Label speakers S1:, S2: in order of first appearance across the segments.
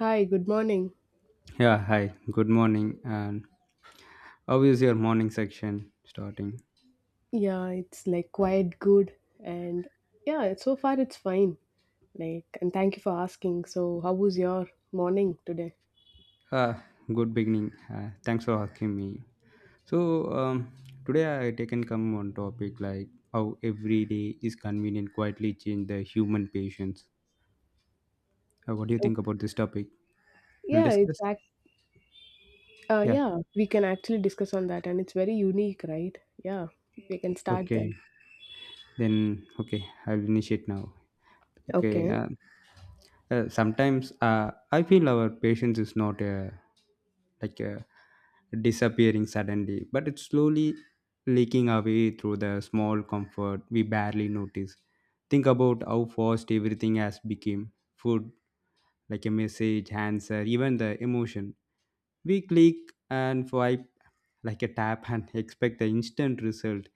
S1: Hi, good morning.
S2: Yeah, hi. Good morning. And how is your morning section starting?
S1: Yeah, it's like quite good and yeah, so far it's fine. Like and thank you for asking. So, how was your morning today?
S2: Ah, good beginning. Thanks for asking me. So today I taken come on topic like how every day is convenient quietly change the human patience. What do you
S1: So,
S2: think about this topic? We'll
S1: yeah,
S2: discuss. Yeah.
S1: we can actually discuss on that and it's very unique, right? Yeah, we can start
S2: Okay.
S1: then.
S2: Then okay, I'll initiate now. Okay.
S1: Okay.
S2: Sometimes I feel our patience is not like uh, disappearing suddenly, but it's slowly leaking away through the small comfort we barely notice. Think about how fast everything has become food, like a message, answer, even the emotion. We click and swipe like a tap and expect the instant result.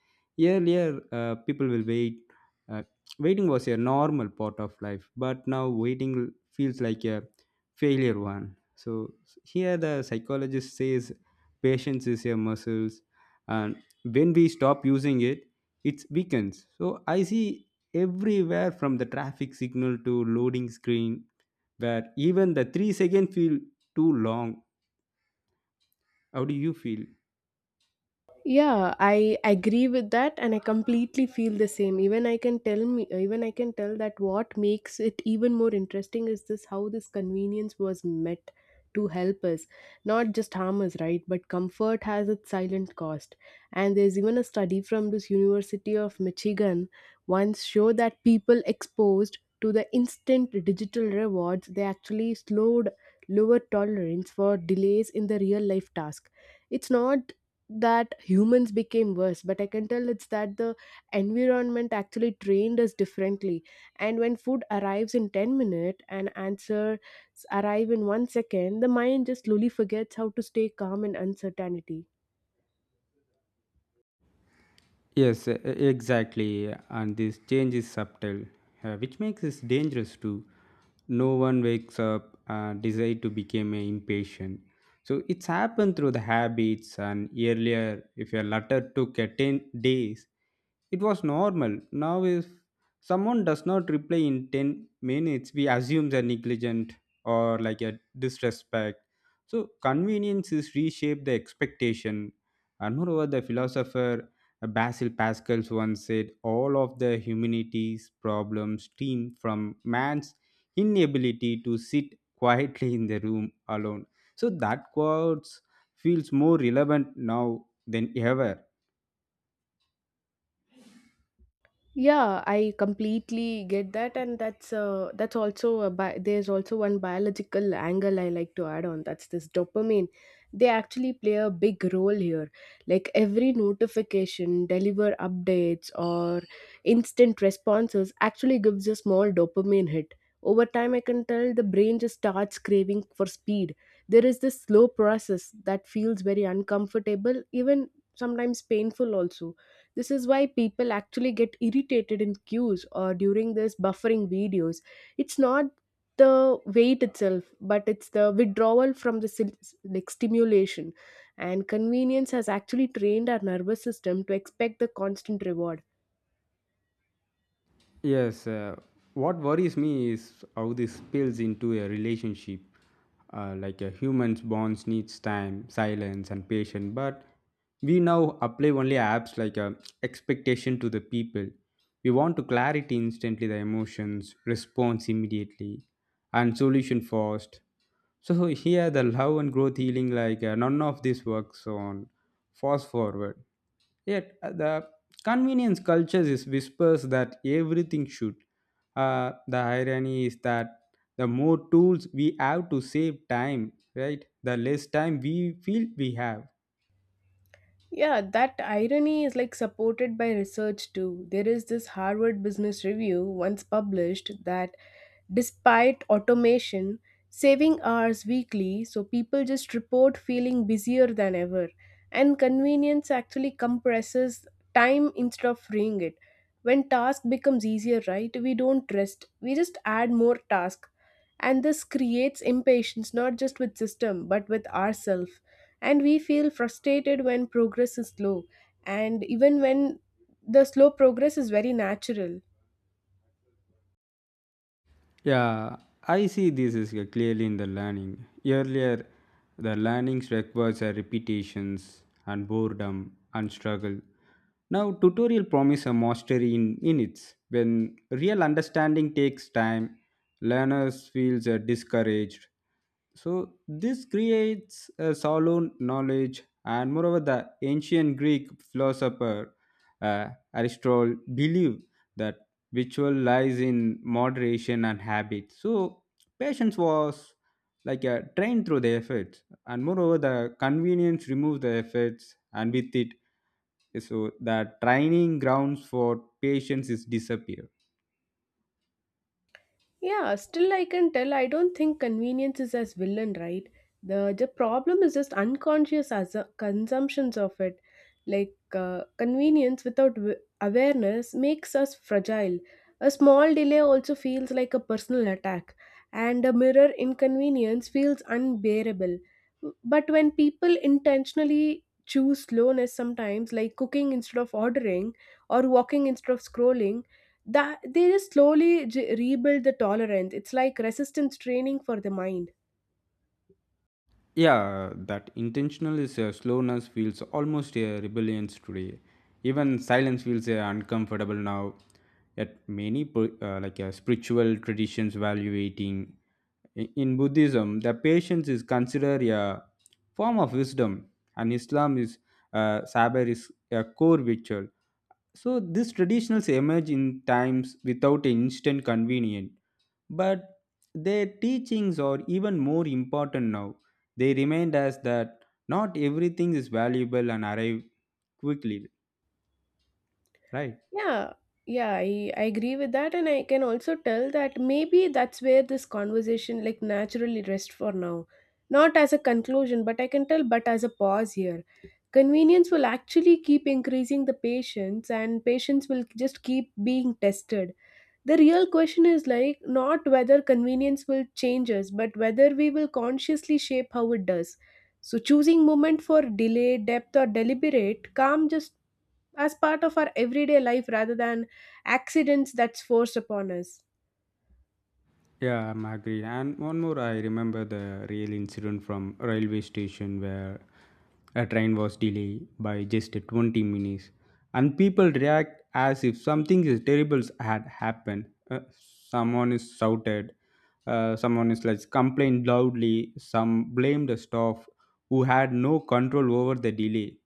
S2: Earlier, people will wait. Uh, Waiting was a normal part of life, but now waiting feels like a failure one. So here, the psychologist says patience is a muscle, and when we stop using it, it weakens. So I see everywhere from the traffic signal to loading screen where even the 3 seconds feel too long. How do you feel?
S1: Yeah, I agree with that, and I completely feel the same. Even I can tell that what makes it even more interesting is this how this convenience was met to help us, not just harm us, right? But comfort has its silent cost, and there's even a study from this University of Michigan once show that people exposed to the instant digital rewards, they actually slowed lower tolerance for delays in the real life task. It's not that humans became worse, but I can tell it's that the environment actually trained us differently. And when food arrives in 10 minutes and answers arrive in 1 second, the mind just slowly forgets how to stay calm in uncertainty.
S2: Yes, exactly. And this change is subtle, which makes it dangerous too. No one wakes up and desire to become a impatient. So it's happened through the habits and earlier, if your letter took a 10 days, it was normal. Now if someone does not reply in 10 minutes, we assume they're negligent or like a disrespect. So convenience is reshaped the expectation and moreover, the philosopher Basil Pascal once said, "All of the humanity's problems stem from man's inability to sit quietly in the room alone." So that quote feels more relevant now than ever.
S1: Yeah, I completely get that, and that's also there's also one biological angle I like to add on. That's this dopamine. They actually play a big role here. Like every notification, deliver updates, or instant responses actually gives a small dopamine hit. Over time, I can tell the brain just starts craving for speed. There is this slow process that feels very uncomfortable, even sometimes painful also. This is why people actually get irritated in queues or during this buffering videos. It's not the wait itself, but it's the withdrawal from the stimulation. And convenience has actually trained our nervous system to expect the constant reward.
S2: Yes, what worries me is how this spills into a relationship. Like a human's bonds needs time, silence, and patience. But we now apply only apps like a expectation to the people. We want to clarity instantly, the emotions, response immediately, and solution fast. So here, the love and growth healing none of this works on fast forward. Yet the convenience culture is whispers that everything should. The irony is that the more tools we have to save time, right, the less time we feel we have.
S1: Yeah, that irony is like supported by research too. There is this Harvard Business Review once published that despite automation, saving hours weekly, so people just report feeling busier than ever. And convenience actually compresses time instead of freeing it. When task becomes easier, right, we don't rest, we just add more task. And this creates impatience not just with system but with ourselves, and we feel frustrated when progress is slow, and even when the slow progress is very natural.
S2: Yeah, I see this is clearly in the learning. Earlier, the learnings requires a repetitions and boredom and struggle. Now, tutorial promise a mastery in minutes. When real understanding takes time, learners feels discouraged, so this creates a solid knowledge, and moreover, the ancient Greek philosopher Aristotle believed that ritual lies in moderation and habit. So patience was like a train through the efforts, and moreover, the convenience removes the efforts, and with it, so the training grounds for patience is disappear.
S1: Yeah, still I can tell I don't think convenience is as villain, right? The problem is just unconscious as consumptions of it. Convenience without awareness makes us fragile. A small delay also feels like a personal attack, and a mirror inconvenience feels unbearable. But when people intentionally choose slowness sometimes, like cooking instead of ordering or walking instead of scrolling, that they just slowly rebuild the tolerance. It's like resistance training for the mind.
S2: Yeah, that intentional is slowness feels almost a rebellion today. Even silence feels uncomfortable now. Yet many spiritual traditions value eating. In Buddhism, the patience is considered a form of wisdom, and Islam is sabr is a core ritual. So these traditions emerge in times without instant convenience but their teachings are even more important now. They remind us that not everything is valuable and arrive quickly, right?
S1: Yeah, yeah, I agree with that, and I can also tell that maybe that's where this conversation like naturally rests for now. Not as a conclusion, but I can tell but as a pause here. Convenience will actually keep increasing the patience, and patience will just keep being tested. The real question is like not whether convenience will change us, but whether we will consciously shape how it does. So choosing moment for delay, depth, or deliberate calm just as part of our everyday life rather than accidents that's forced upon us.
S2: Yeah, I'm agree. And one more, I remember the real incident from railway station where a train was delayed by just 20 minutes, and people react as if something is terrible had happened. Uh, Someone is shouted, someone is like complained loudly, some blame the staff who had no control over the delay.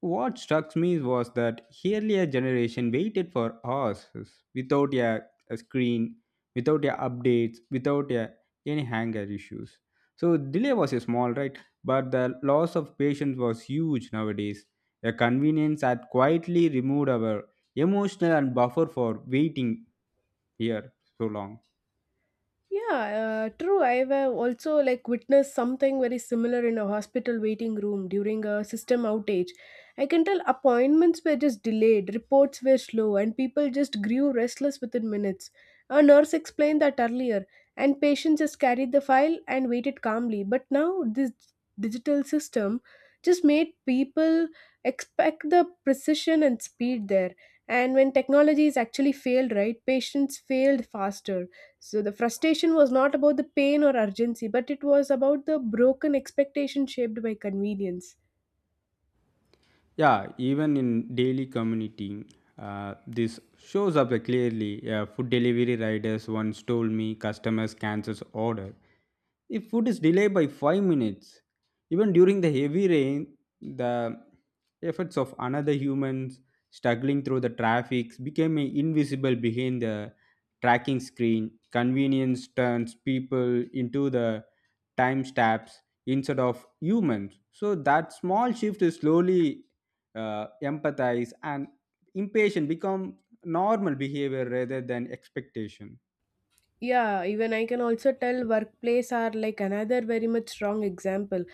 S2: What struck me was that earlier generation waited for us without a screen, without a updates, without any hanger issues. So delay was a small, right? But the loss of patience was huge nowadays. The convenience had quietly removed our emotional and buffer for waiting here so long.
S1: Yeah, true. I've also like witnessed something very similar in a hospital waiting room during a system outage. I can tell appointments were just delayed, reports were slow, and people just grew restless within minutes. A nurse explained that earlier, and patients just carried the file and waited calmly. But now this digital system just made people expect the precision and speed there. And when technologies actually failed, right, patients failed faster. So the frustration was not about the pain or urgency, but it was about the broken expectation shaped by convenience.
S2: Yeah, even in daily commuting, this shows up clearly. Yeah, food delivery riders once told me customers cancels order if food is delayed by 5 minutes. Even during the heavy rain, the efforts of another humans struggling through the traffic became invisible behind the tracking screen. Convenience turns people into the timestamps instead of humans. So that small shift is slowly empathize and impatient become normal behavior rather than expectation.
S1: Yeah, even I can also tell workplace are like another very much strong example.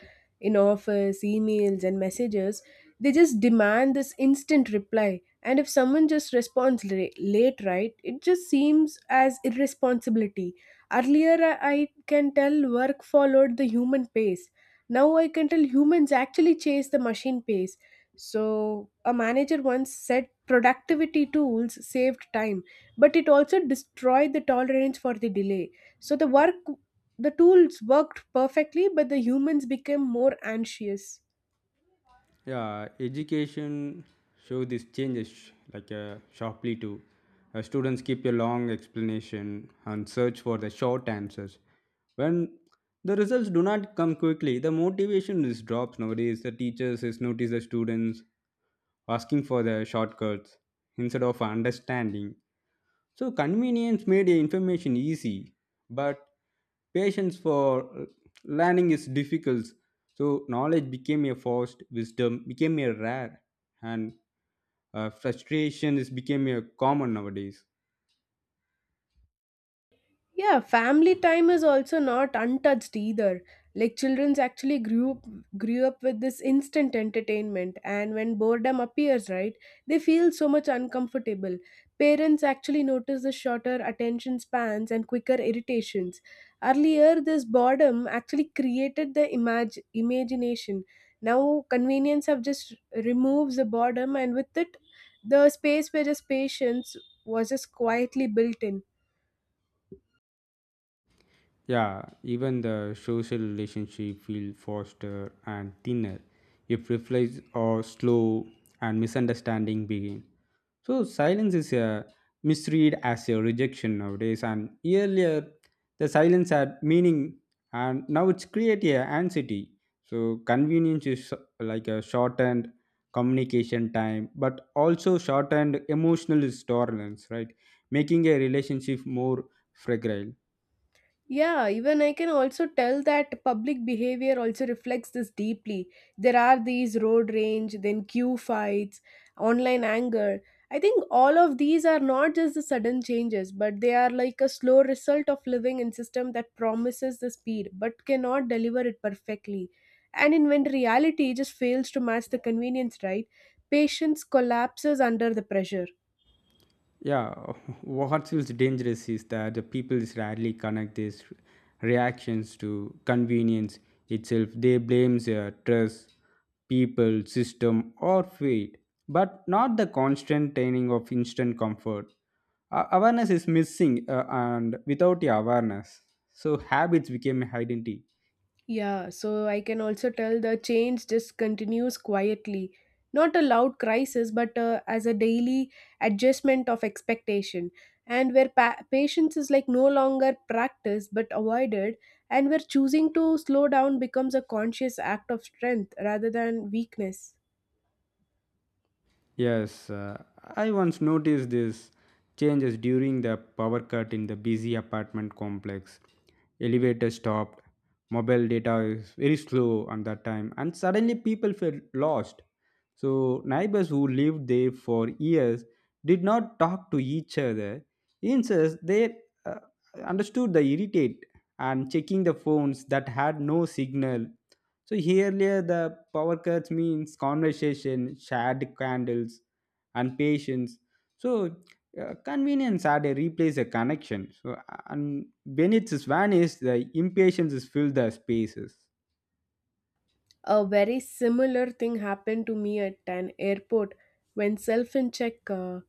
S1: In office, emails, and messages, they just demand this instant reply. And if someone just late, right, it just seems as irresponsibility. Earlier, I can tell work followed the human pace. Now I can tell humans actually chase the machine pace. So, a manager once said productivity tools saved time, but it also destroyed the tolerance for the delay. So the work, the tools worked perfectly, but the humans became more anxious.
S2: Yeah, education show these changes sharply too. Students keep a long explanation and search for the short answers. When the results do not come quickly the motivation is drops nowadays. The teachers is notice the students asking for the shortcuts instead of understanding. So convenience made information easy, but patience for learning is difficult. So knowledge became a forced, wisdom became a rare, and frustration is became a common nowadays.
S1: Yeah, family time is also not untouched either. Like children's actually grew up with this instant entertainment, and when boredom appears, right, they feel so much uncomfortable. Parents actually notice the shorter attention spans and quicker irritations. Earlier, this boredom actually created imagination. Now, convenience have just removes the boredom, and with it, the space where just patience was just quietly built in.
S2: Yeah, even the social relationship feel faster and thinner if replies are slow and misunderstanding begin. So silence is a misread as a rejection nowadays and earlier the silence had meaning and now it's create a anxiety. So convenience is like a shortened communication time but also shortened emotional tolerance, right? Making a relationship more fragile.
S1: Yeah, even I can also tell that public behavior also reflects this deeply. There are these road rage, then queue fights, online anger. I think all of these are not just the sudden changes, but they are like a slow result of living in system that promises the speed but cannot deliver it perfectly. And in when reality just fails to match the convenience, right? Patience collapses under the pressure.
S2: Yeah, what feels dangerous is that the people rarely connect these reactions to convenience itself. They blame their trust people system or fate but not the constant training of instant comfort. Awareness is missing, and without the awareness so habits became identity.
S1: Yeah, so I can also tell the change just continues quietly. Not a loud crisis, but as a daily adjustment of expectation, and where patience is like no longer practiced but avoided, and where choosing to slow down becomes a conscious act of strength rather than weakness.
S2: Yes, I once noticed this changes during the power cut in the busy apartment complex. Elevator stopped, mobile data is very slow on that time, and suddenly people felt lost. So neighbors who lived there for years did not talk to each other. Instead, they uh, understood the irritate and checking the phones that had no signal. So here earlier, the power cuts means conversation, shared candles, and patience. So convenience had a replace a connection. So and when it's vanished, the impatience is filled the spaces.
S1: A very similar thing happened to me at an airport when self in check.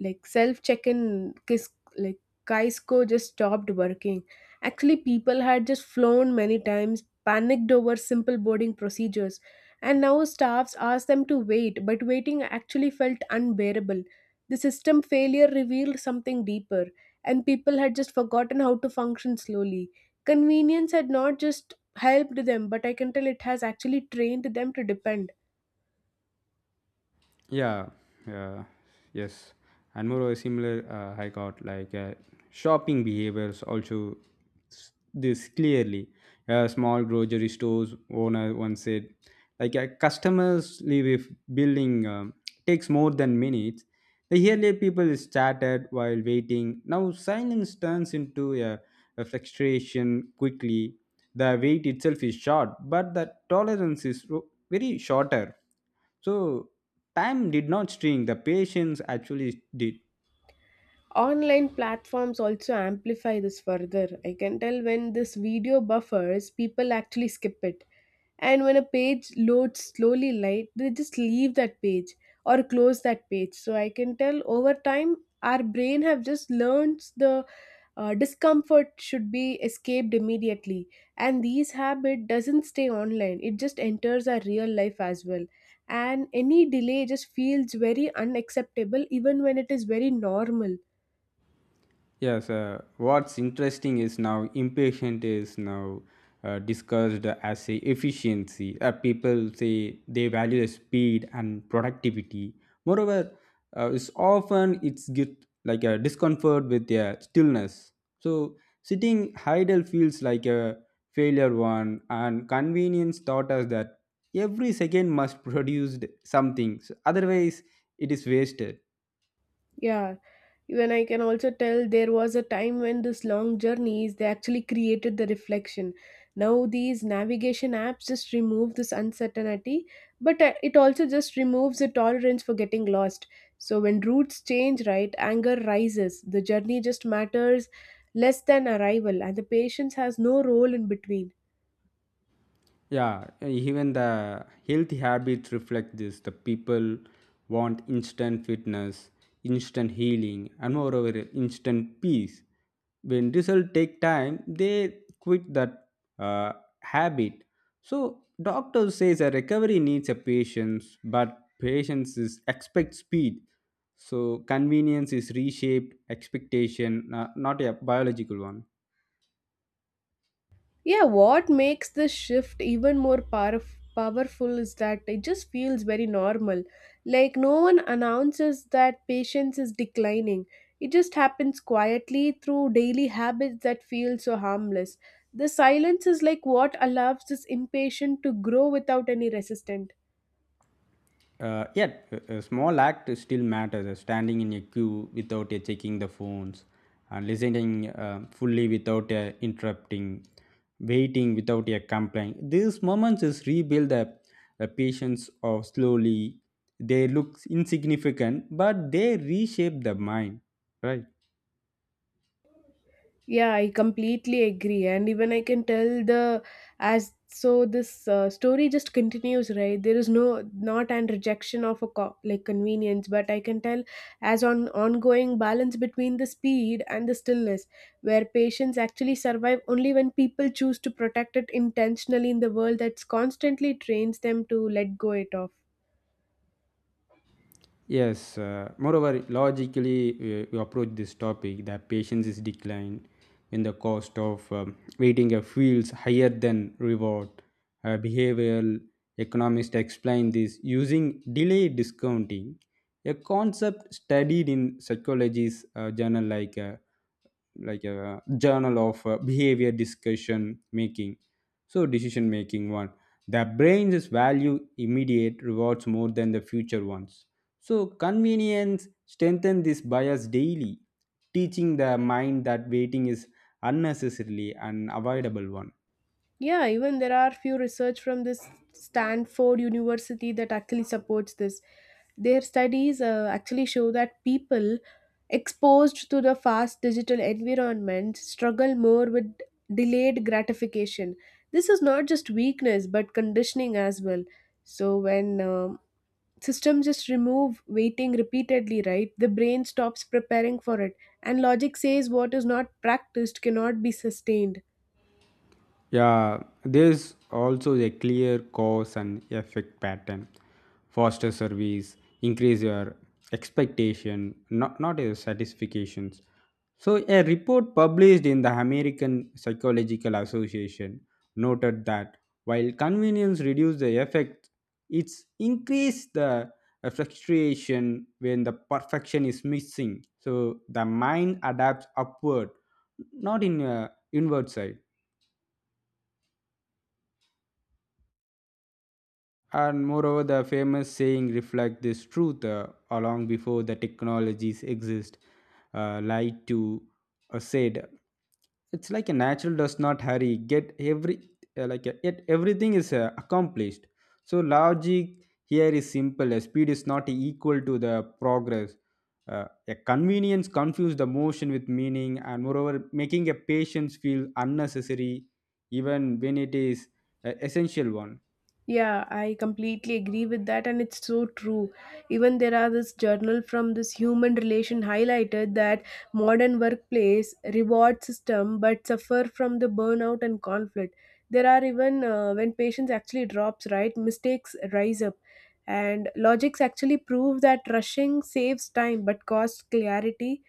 S1: Like self check-in kis- like Kaisco just stopped working. Actually, people had just flown many times, panicked over simple boarding procedures, and now staffs asked them to wait, but waiting actually felt unbearable. The system failure revealed something deeper, and people had just forgotten how to function slowly. Convenience had not just helped them, but I can tell it has actually trained them to depend.
S2: Yeah, yeah, yes. And more similar, I got shopping behaviors also this clearly. Small grocery stores owner once said, customers leave if building takes more than minutes. The earlier people started while waiting. Now silence turns into a frustration quickly. The wait itself is short, but the tolerance is very shorter. So time did not string the patience actually did.
S1: Online platforms also amplify this further. I can tell when this video buffers, people actually skip it. And when a page loads slowly light, they just leave that page or close that page. So I can tell over time our brain have just learned the discomfort should be escaped immediately, and these habit doesn't stay online, it just enters our real life as well, and any delay just feels very unacceptable even when it is very normal.
S2: Yes, what's interesting is now impatient is now discussed as a efficiency. People say they value the speed and productivity. Moreover, it's often it's get like a discomfort with their stillness. So sitting idle feels like a failure one, and convenience taught us that every second must produce something. So otherwise, it is wasted.
S1: Yeah, even I can also tell there was a time when this long journeys they actually created the reflection. Now these navigation apps just remove this uncertainty, but it also just removes the tolerance for getting lost. So when routes change, right, anger rises. The journey just matters less than arrival, and the patience has no role in between.
S2: Yeah, even the healthy habits reflect this. The people want instant fitness, instant healing, and moreover, instant peace. When results take time, they quit that uh, habit. So doctor says a recovery needs a patience, but patience is expect speed. So convenience is reshaped expectation, not a biological one.
S1: Yeah, what makes this shift even more powerful is that it just feels very normal. Like, no one announces that patience is declining. It just happens quietly through daily habits that feel so harmless. The silence is like what allows this impatient to grow without any resistance.
S2: Yet, a small act still matters. Standing in a queue without checking the phones, and listening fully without interrupting, waiting without a complaint. These moments is rebuild the patience of slowly. They look insignificant, but they reshape the mind, right?
S1: Yeah, I completely agree. And even I can tell the as so this story just continues, right? There is no not and rejection of a co- like convenience, but I can tell as on ongoing balance between the speed and the stillness, where patients actually survive only when people choose to protect it intentionally in the world that's constantly trains them to let go it off.
S2: Yes, moreover, logically, you approach this topic that patience is declined when the cost of waiting feels higher than reward. Behavioral economists explain this using delay discounting, a concept studied in psychology's journal like a journal of behavior discussion making, so decision making one. The brain's value immediate rewards more than the future ones. So, convenience strengthens this bias daily, teaching the mind that waiting is unnecessarily an avoidable one.
S1: Yeah, even there are few research from this Stanford University that actually supports this. Their studies actually show that people exposed to the fast digital environment struggle more with delayed gratification. This is not just weakness but conditioning as well. So when systems just remove waiting repeatedly, right, the brain stops preparing for it, and logic says what is not practiced cannot be sustained.
S2: Yeah, there's also a clear cause and effect pattern. Faster service, increase your expectation, not your satisfactions. So, a report published in the American Psychological Association noted that while convenience reduces the effect, it's increased the frustration when the perfection is missing. So, the mind adapts upward, not in inward side. And moreover, the famous saying reflect this truth along before the technologies exist. Light to said, it's like a natural does not hurry. Get every yet everything is accomplished. So logic here is simple. Speed is not equal to the progress. A convenience confuse the motion with meaning, and moreover, making a patience feel unnecessary, even when it is an essential one.
S1: Yeah, I completely agree with that, and it's so true. Even there are this journal from this human relation highlighted that modern workplace reward system but suffer from the burnout and conflict. There are even when patience actually drops, right? Mistakes rise up, and logics actually prove that rushing saves time but costs clarity,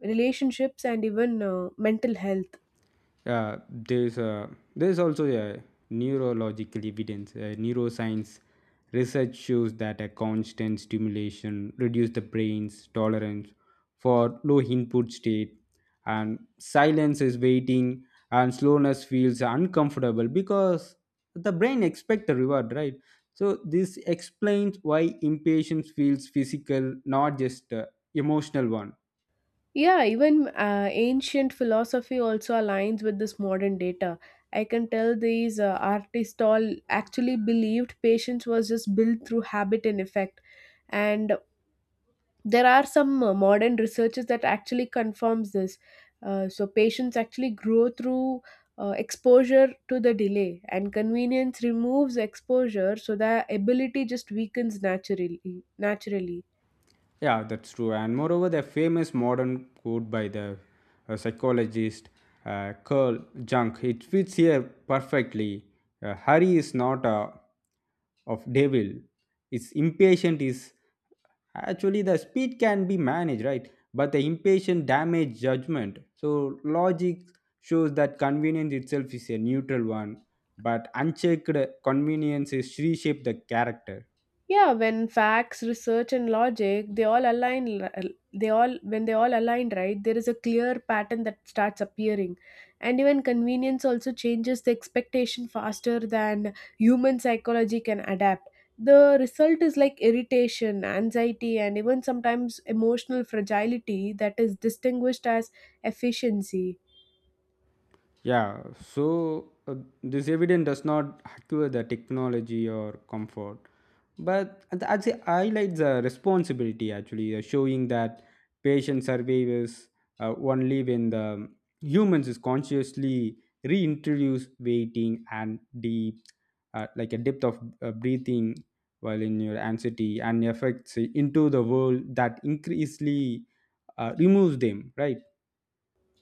S1: relationships, and even mental health.
S2: Yeah, there's also a neurological evidence, neuroscience research shows that a constant stimulation reduces the brain's tolerance for low input state and silence is waiting and slowness feels uncomfortable because the brain expects a reward, right? So this explains why impatience feels physical not just emotional one.
S1: Yeah, even ancient philosophy also aligns with this modern data. I can tell these artists all actually believed patience was just built through habit and effect. And there are some modern researchers that actually confirms this. So patients actually grow through exposure to the delay, and convenience removes exposure, so the ability just weakens naturally. Naturally.
S2: Yeah, that's true. And moreover, the famous modern quote by the psychologist Carl Jung, it fits here perfectly. Hurry is not a of devil. It's impatient is actually the speed can be managed, right? But the impatient damage judgment. So logic shows that convenience itself is a neutral one, but unchecked convenience is reshape the character.
S1: Yeah, when facts research and logic they all when they all align, right, there is a clear pattern that starts appearing, and even convenience also changes the expectation faster than human psychology can adapt. The result is like irritation, anxiety, and even sometimes emotional fragility that is distinguished as efficiency.
S2: Yeah, so this evidence does not acquire the technology or comfort, but actually highlights the responsibility actually, showing that patient survivors only when the humans is consciously reintroduce waiting and deep, like a depth of breathing while in your anxiety and effects into the world that increasingly removes them, right?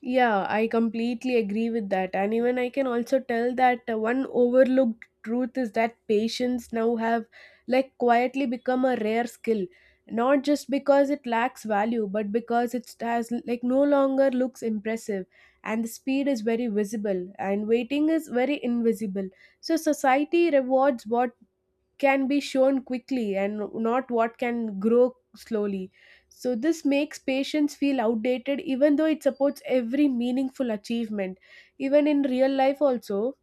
S1: Yeah, I completely agree with that. And even I can also tell that one overlooked truth is that patients now have like quietly become a rare skill. Not just because it lacks value, but because it has like no longer looks impressive, and the speed is very visible and waiting is very invisible. So society rewards what can be shown quickly and not what can grow slowly. So this makes patience feel outdated even though it supports every meaningful achievement, even in real life, also.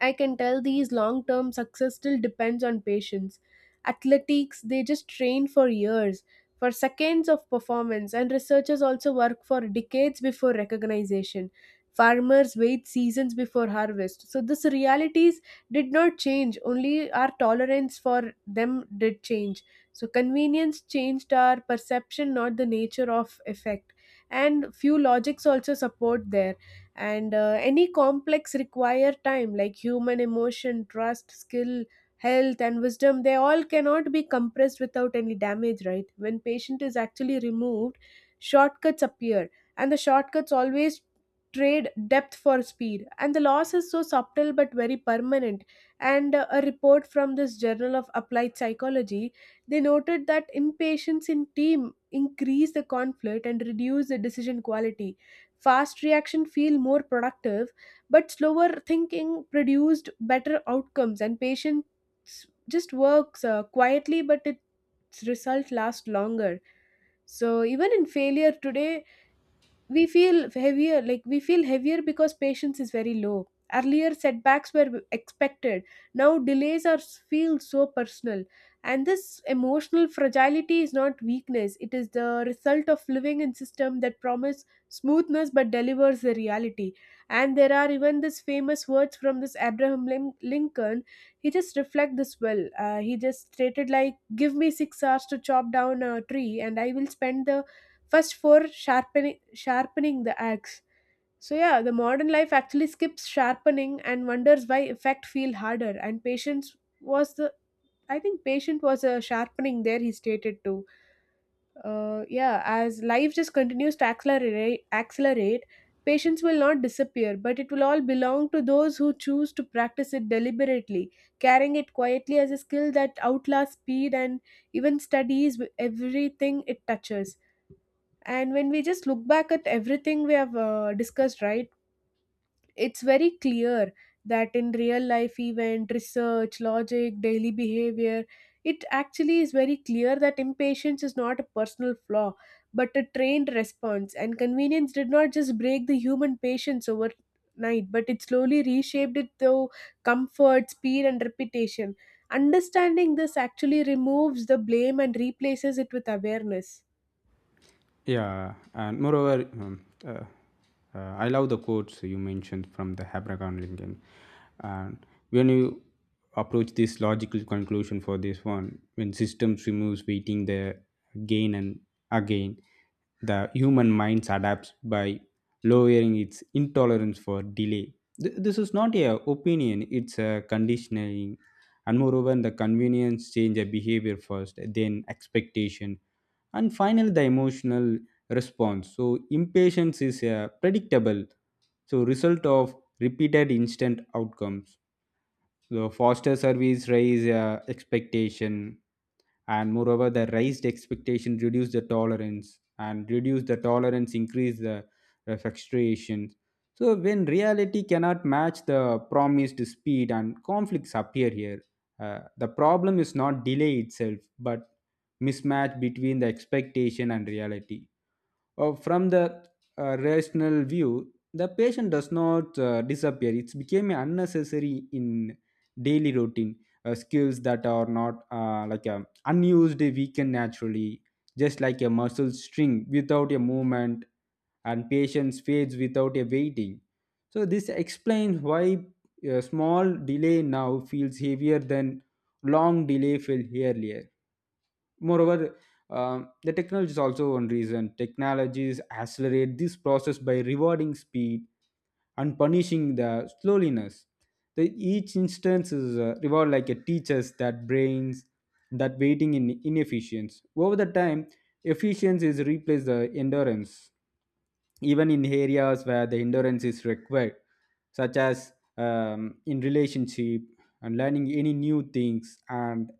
S1: I can tell these long term success still depends on patience. Athletics, they just train for years, for seconds of performance, and researchers also work for decades before recognition. Farmers wait seasons before harvest. So these realities did not change, only our tolerance for them did change. So convenience changed our perception, not the nature of effect. And few logics also support there, and any complex require time like human emotion, trust, skill, health, and wisdom. They all cannot be compressed without any damage, right? When patient is actually removed, shortcuts appear, and the shortcuts always trade depth for speed, and the loss is so subtle but very permanent. And a report from this journal of applied psychology, they noted that impatience in team increase the conflict and reduce the decision quality. Fast reaction feel more productive, but slower thinking produced better outcomes, and patience just works quietly, but its result lasts longer. So even in failure today, we feel heavier, like we feel heavier because patience is very low. Earlier setbacks were expected, now delays are feel so personal. And this emotional fragility is not weakness, it is the result of living in system that promise smoothness but delivers the reality. And there are even this famous words from this Abraham Lincoln. He just reflect this well. He just stated like, give me 6 hours to chop down a tree and I will spend the first for sharpening the axe. So yeah, the modern life actually skips sharpening and wonders why effect feel harder, and patience was the, I think patient was a sharpening there he stated too. Yeah, as life just continues to accelerate, patience will not disappear, but it will all belong to those who choose to practice it deliberately, carrying it quietly as a skill that outlasts speed and even studies everything it touches. And when we just look back at everything we have discussed, right, it's very clear that in real life event, research, logic, daily behavior, it actually is very clear that impatience is not a personal flaw, but a trained response. And convenience did not just break the human patience overnight, but it slowly reshaped it through comfort, speed, and reputation. Understanding this actually removes the blame and replaces it with awareness.
S2: Yeah, and moreover, I love the quotes you mentioned from the Abraham Lincoln. And when you approach this logical conclusion for this one, when systems removes waiting the gain and again, the human mind adapts by lowering its intolerance for delay. This is not a opinion; it's a conditioning. And moreover, the convenience change a behavior first, then expectation and finally the emotional response so impatience is a predictable so result of repeated instant outcomes so foster service raise expectation, and moreover, the raised expectation reduce the tolerance, and reduce the tolerance increase the frustration. So when reality cannot match the promised speed, and conflicts appear here. The problem is not delay itself, but mismatch between the expectation and reality. From the rational view, the patient does not disappear. It's became unnecessary in daily routine skills that are not like a unused weaken naturally, just like a muscle string without a movement, and patience fades without a waiting. So this explains why a small delay now feels heavier than long delay felt earlier. Moreover, the technology is also one reason. Technologies accelerate this process by rewarding speed and punishing the slowness. The, each instance is a reward like a teacher's that brains that waiting in inefficiency. Over the time, efficiency is replaced the endurance even in areas where the endurance is required such as in relationship and learning any new things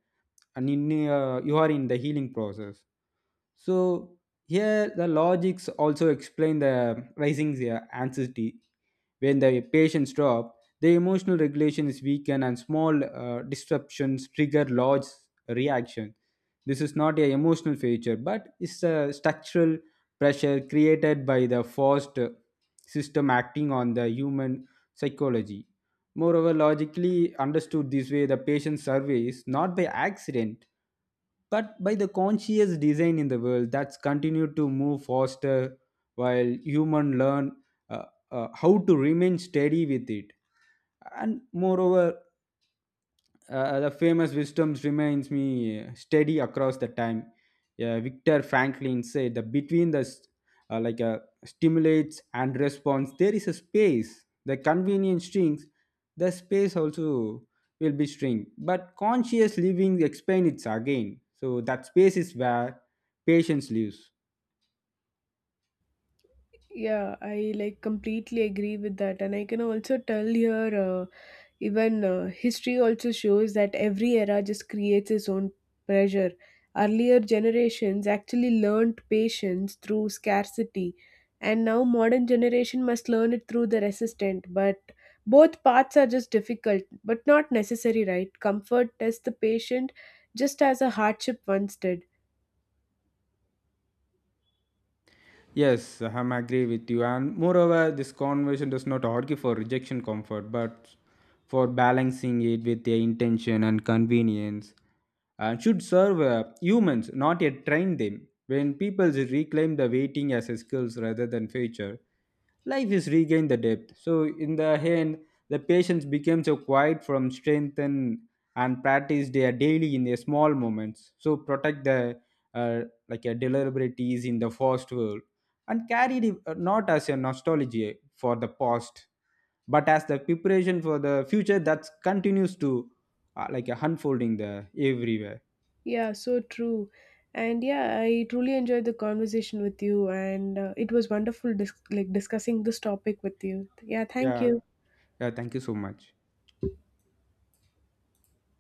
S2: and in you are in the healing process so here the logics also explain the rising anxiety. When the patients drop, the emotional regulation is weakened and small disruptions trigger large reaction. This is not a emotional feature, but it's a structural pressure created by the forced system acting on the human psychology. Moreover, logically understood this way, the patient survey is not by accident but by the conscious design in the world that's continued to move faster while human learn uh, how to remain steady with it and moreover the famous wisdoms remains me steady across the time. Victor Franklin said that between the uh, like uh, stimulates and response, there is a space. The convenience shrinks, the space also will be shrink. But conscious living explains it again. So that space is where patience lives.
S1: Yeah, I like completely agree with that, and I can also tell here even history also shows that every era just creates its own pressure. Earlier generations actually learned patience through scarcity, and now modern generation must learn it through the resistant. But both paths are just difficult, but not necessary, right? Comfort tests the patient just as a hardship once did.
S2: Yes, I'm agree with you. And moreover, this conversion does not argue for rejection comfort, but for balancing it with their intention and convenience. And should serve humans, not yet train them. When people reclaim the waiting as a skills rather than future, life is regained the depth. So in the end, the patience became so quiet from strength and practice their daily in their small moments. So protect the uh, like a deliberaties in the first world and carried it not as a nostalgia for the past, but as the preparation for the future that continues to like a unfolding the everywhere.
S1: Yeah, so true. And yeah, I truly enjoyed the conversation with you, and it was wonderful like discussing this topic with you. Yeah, thank
S2: Yeah.
S1: you.
S2: Yeah. Thank you so much.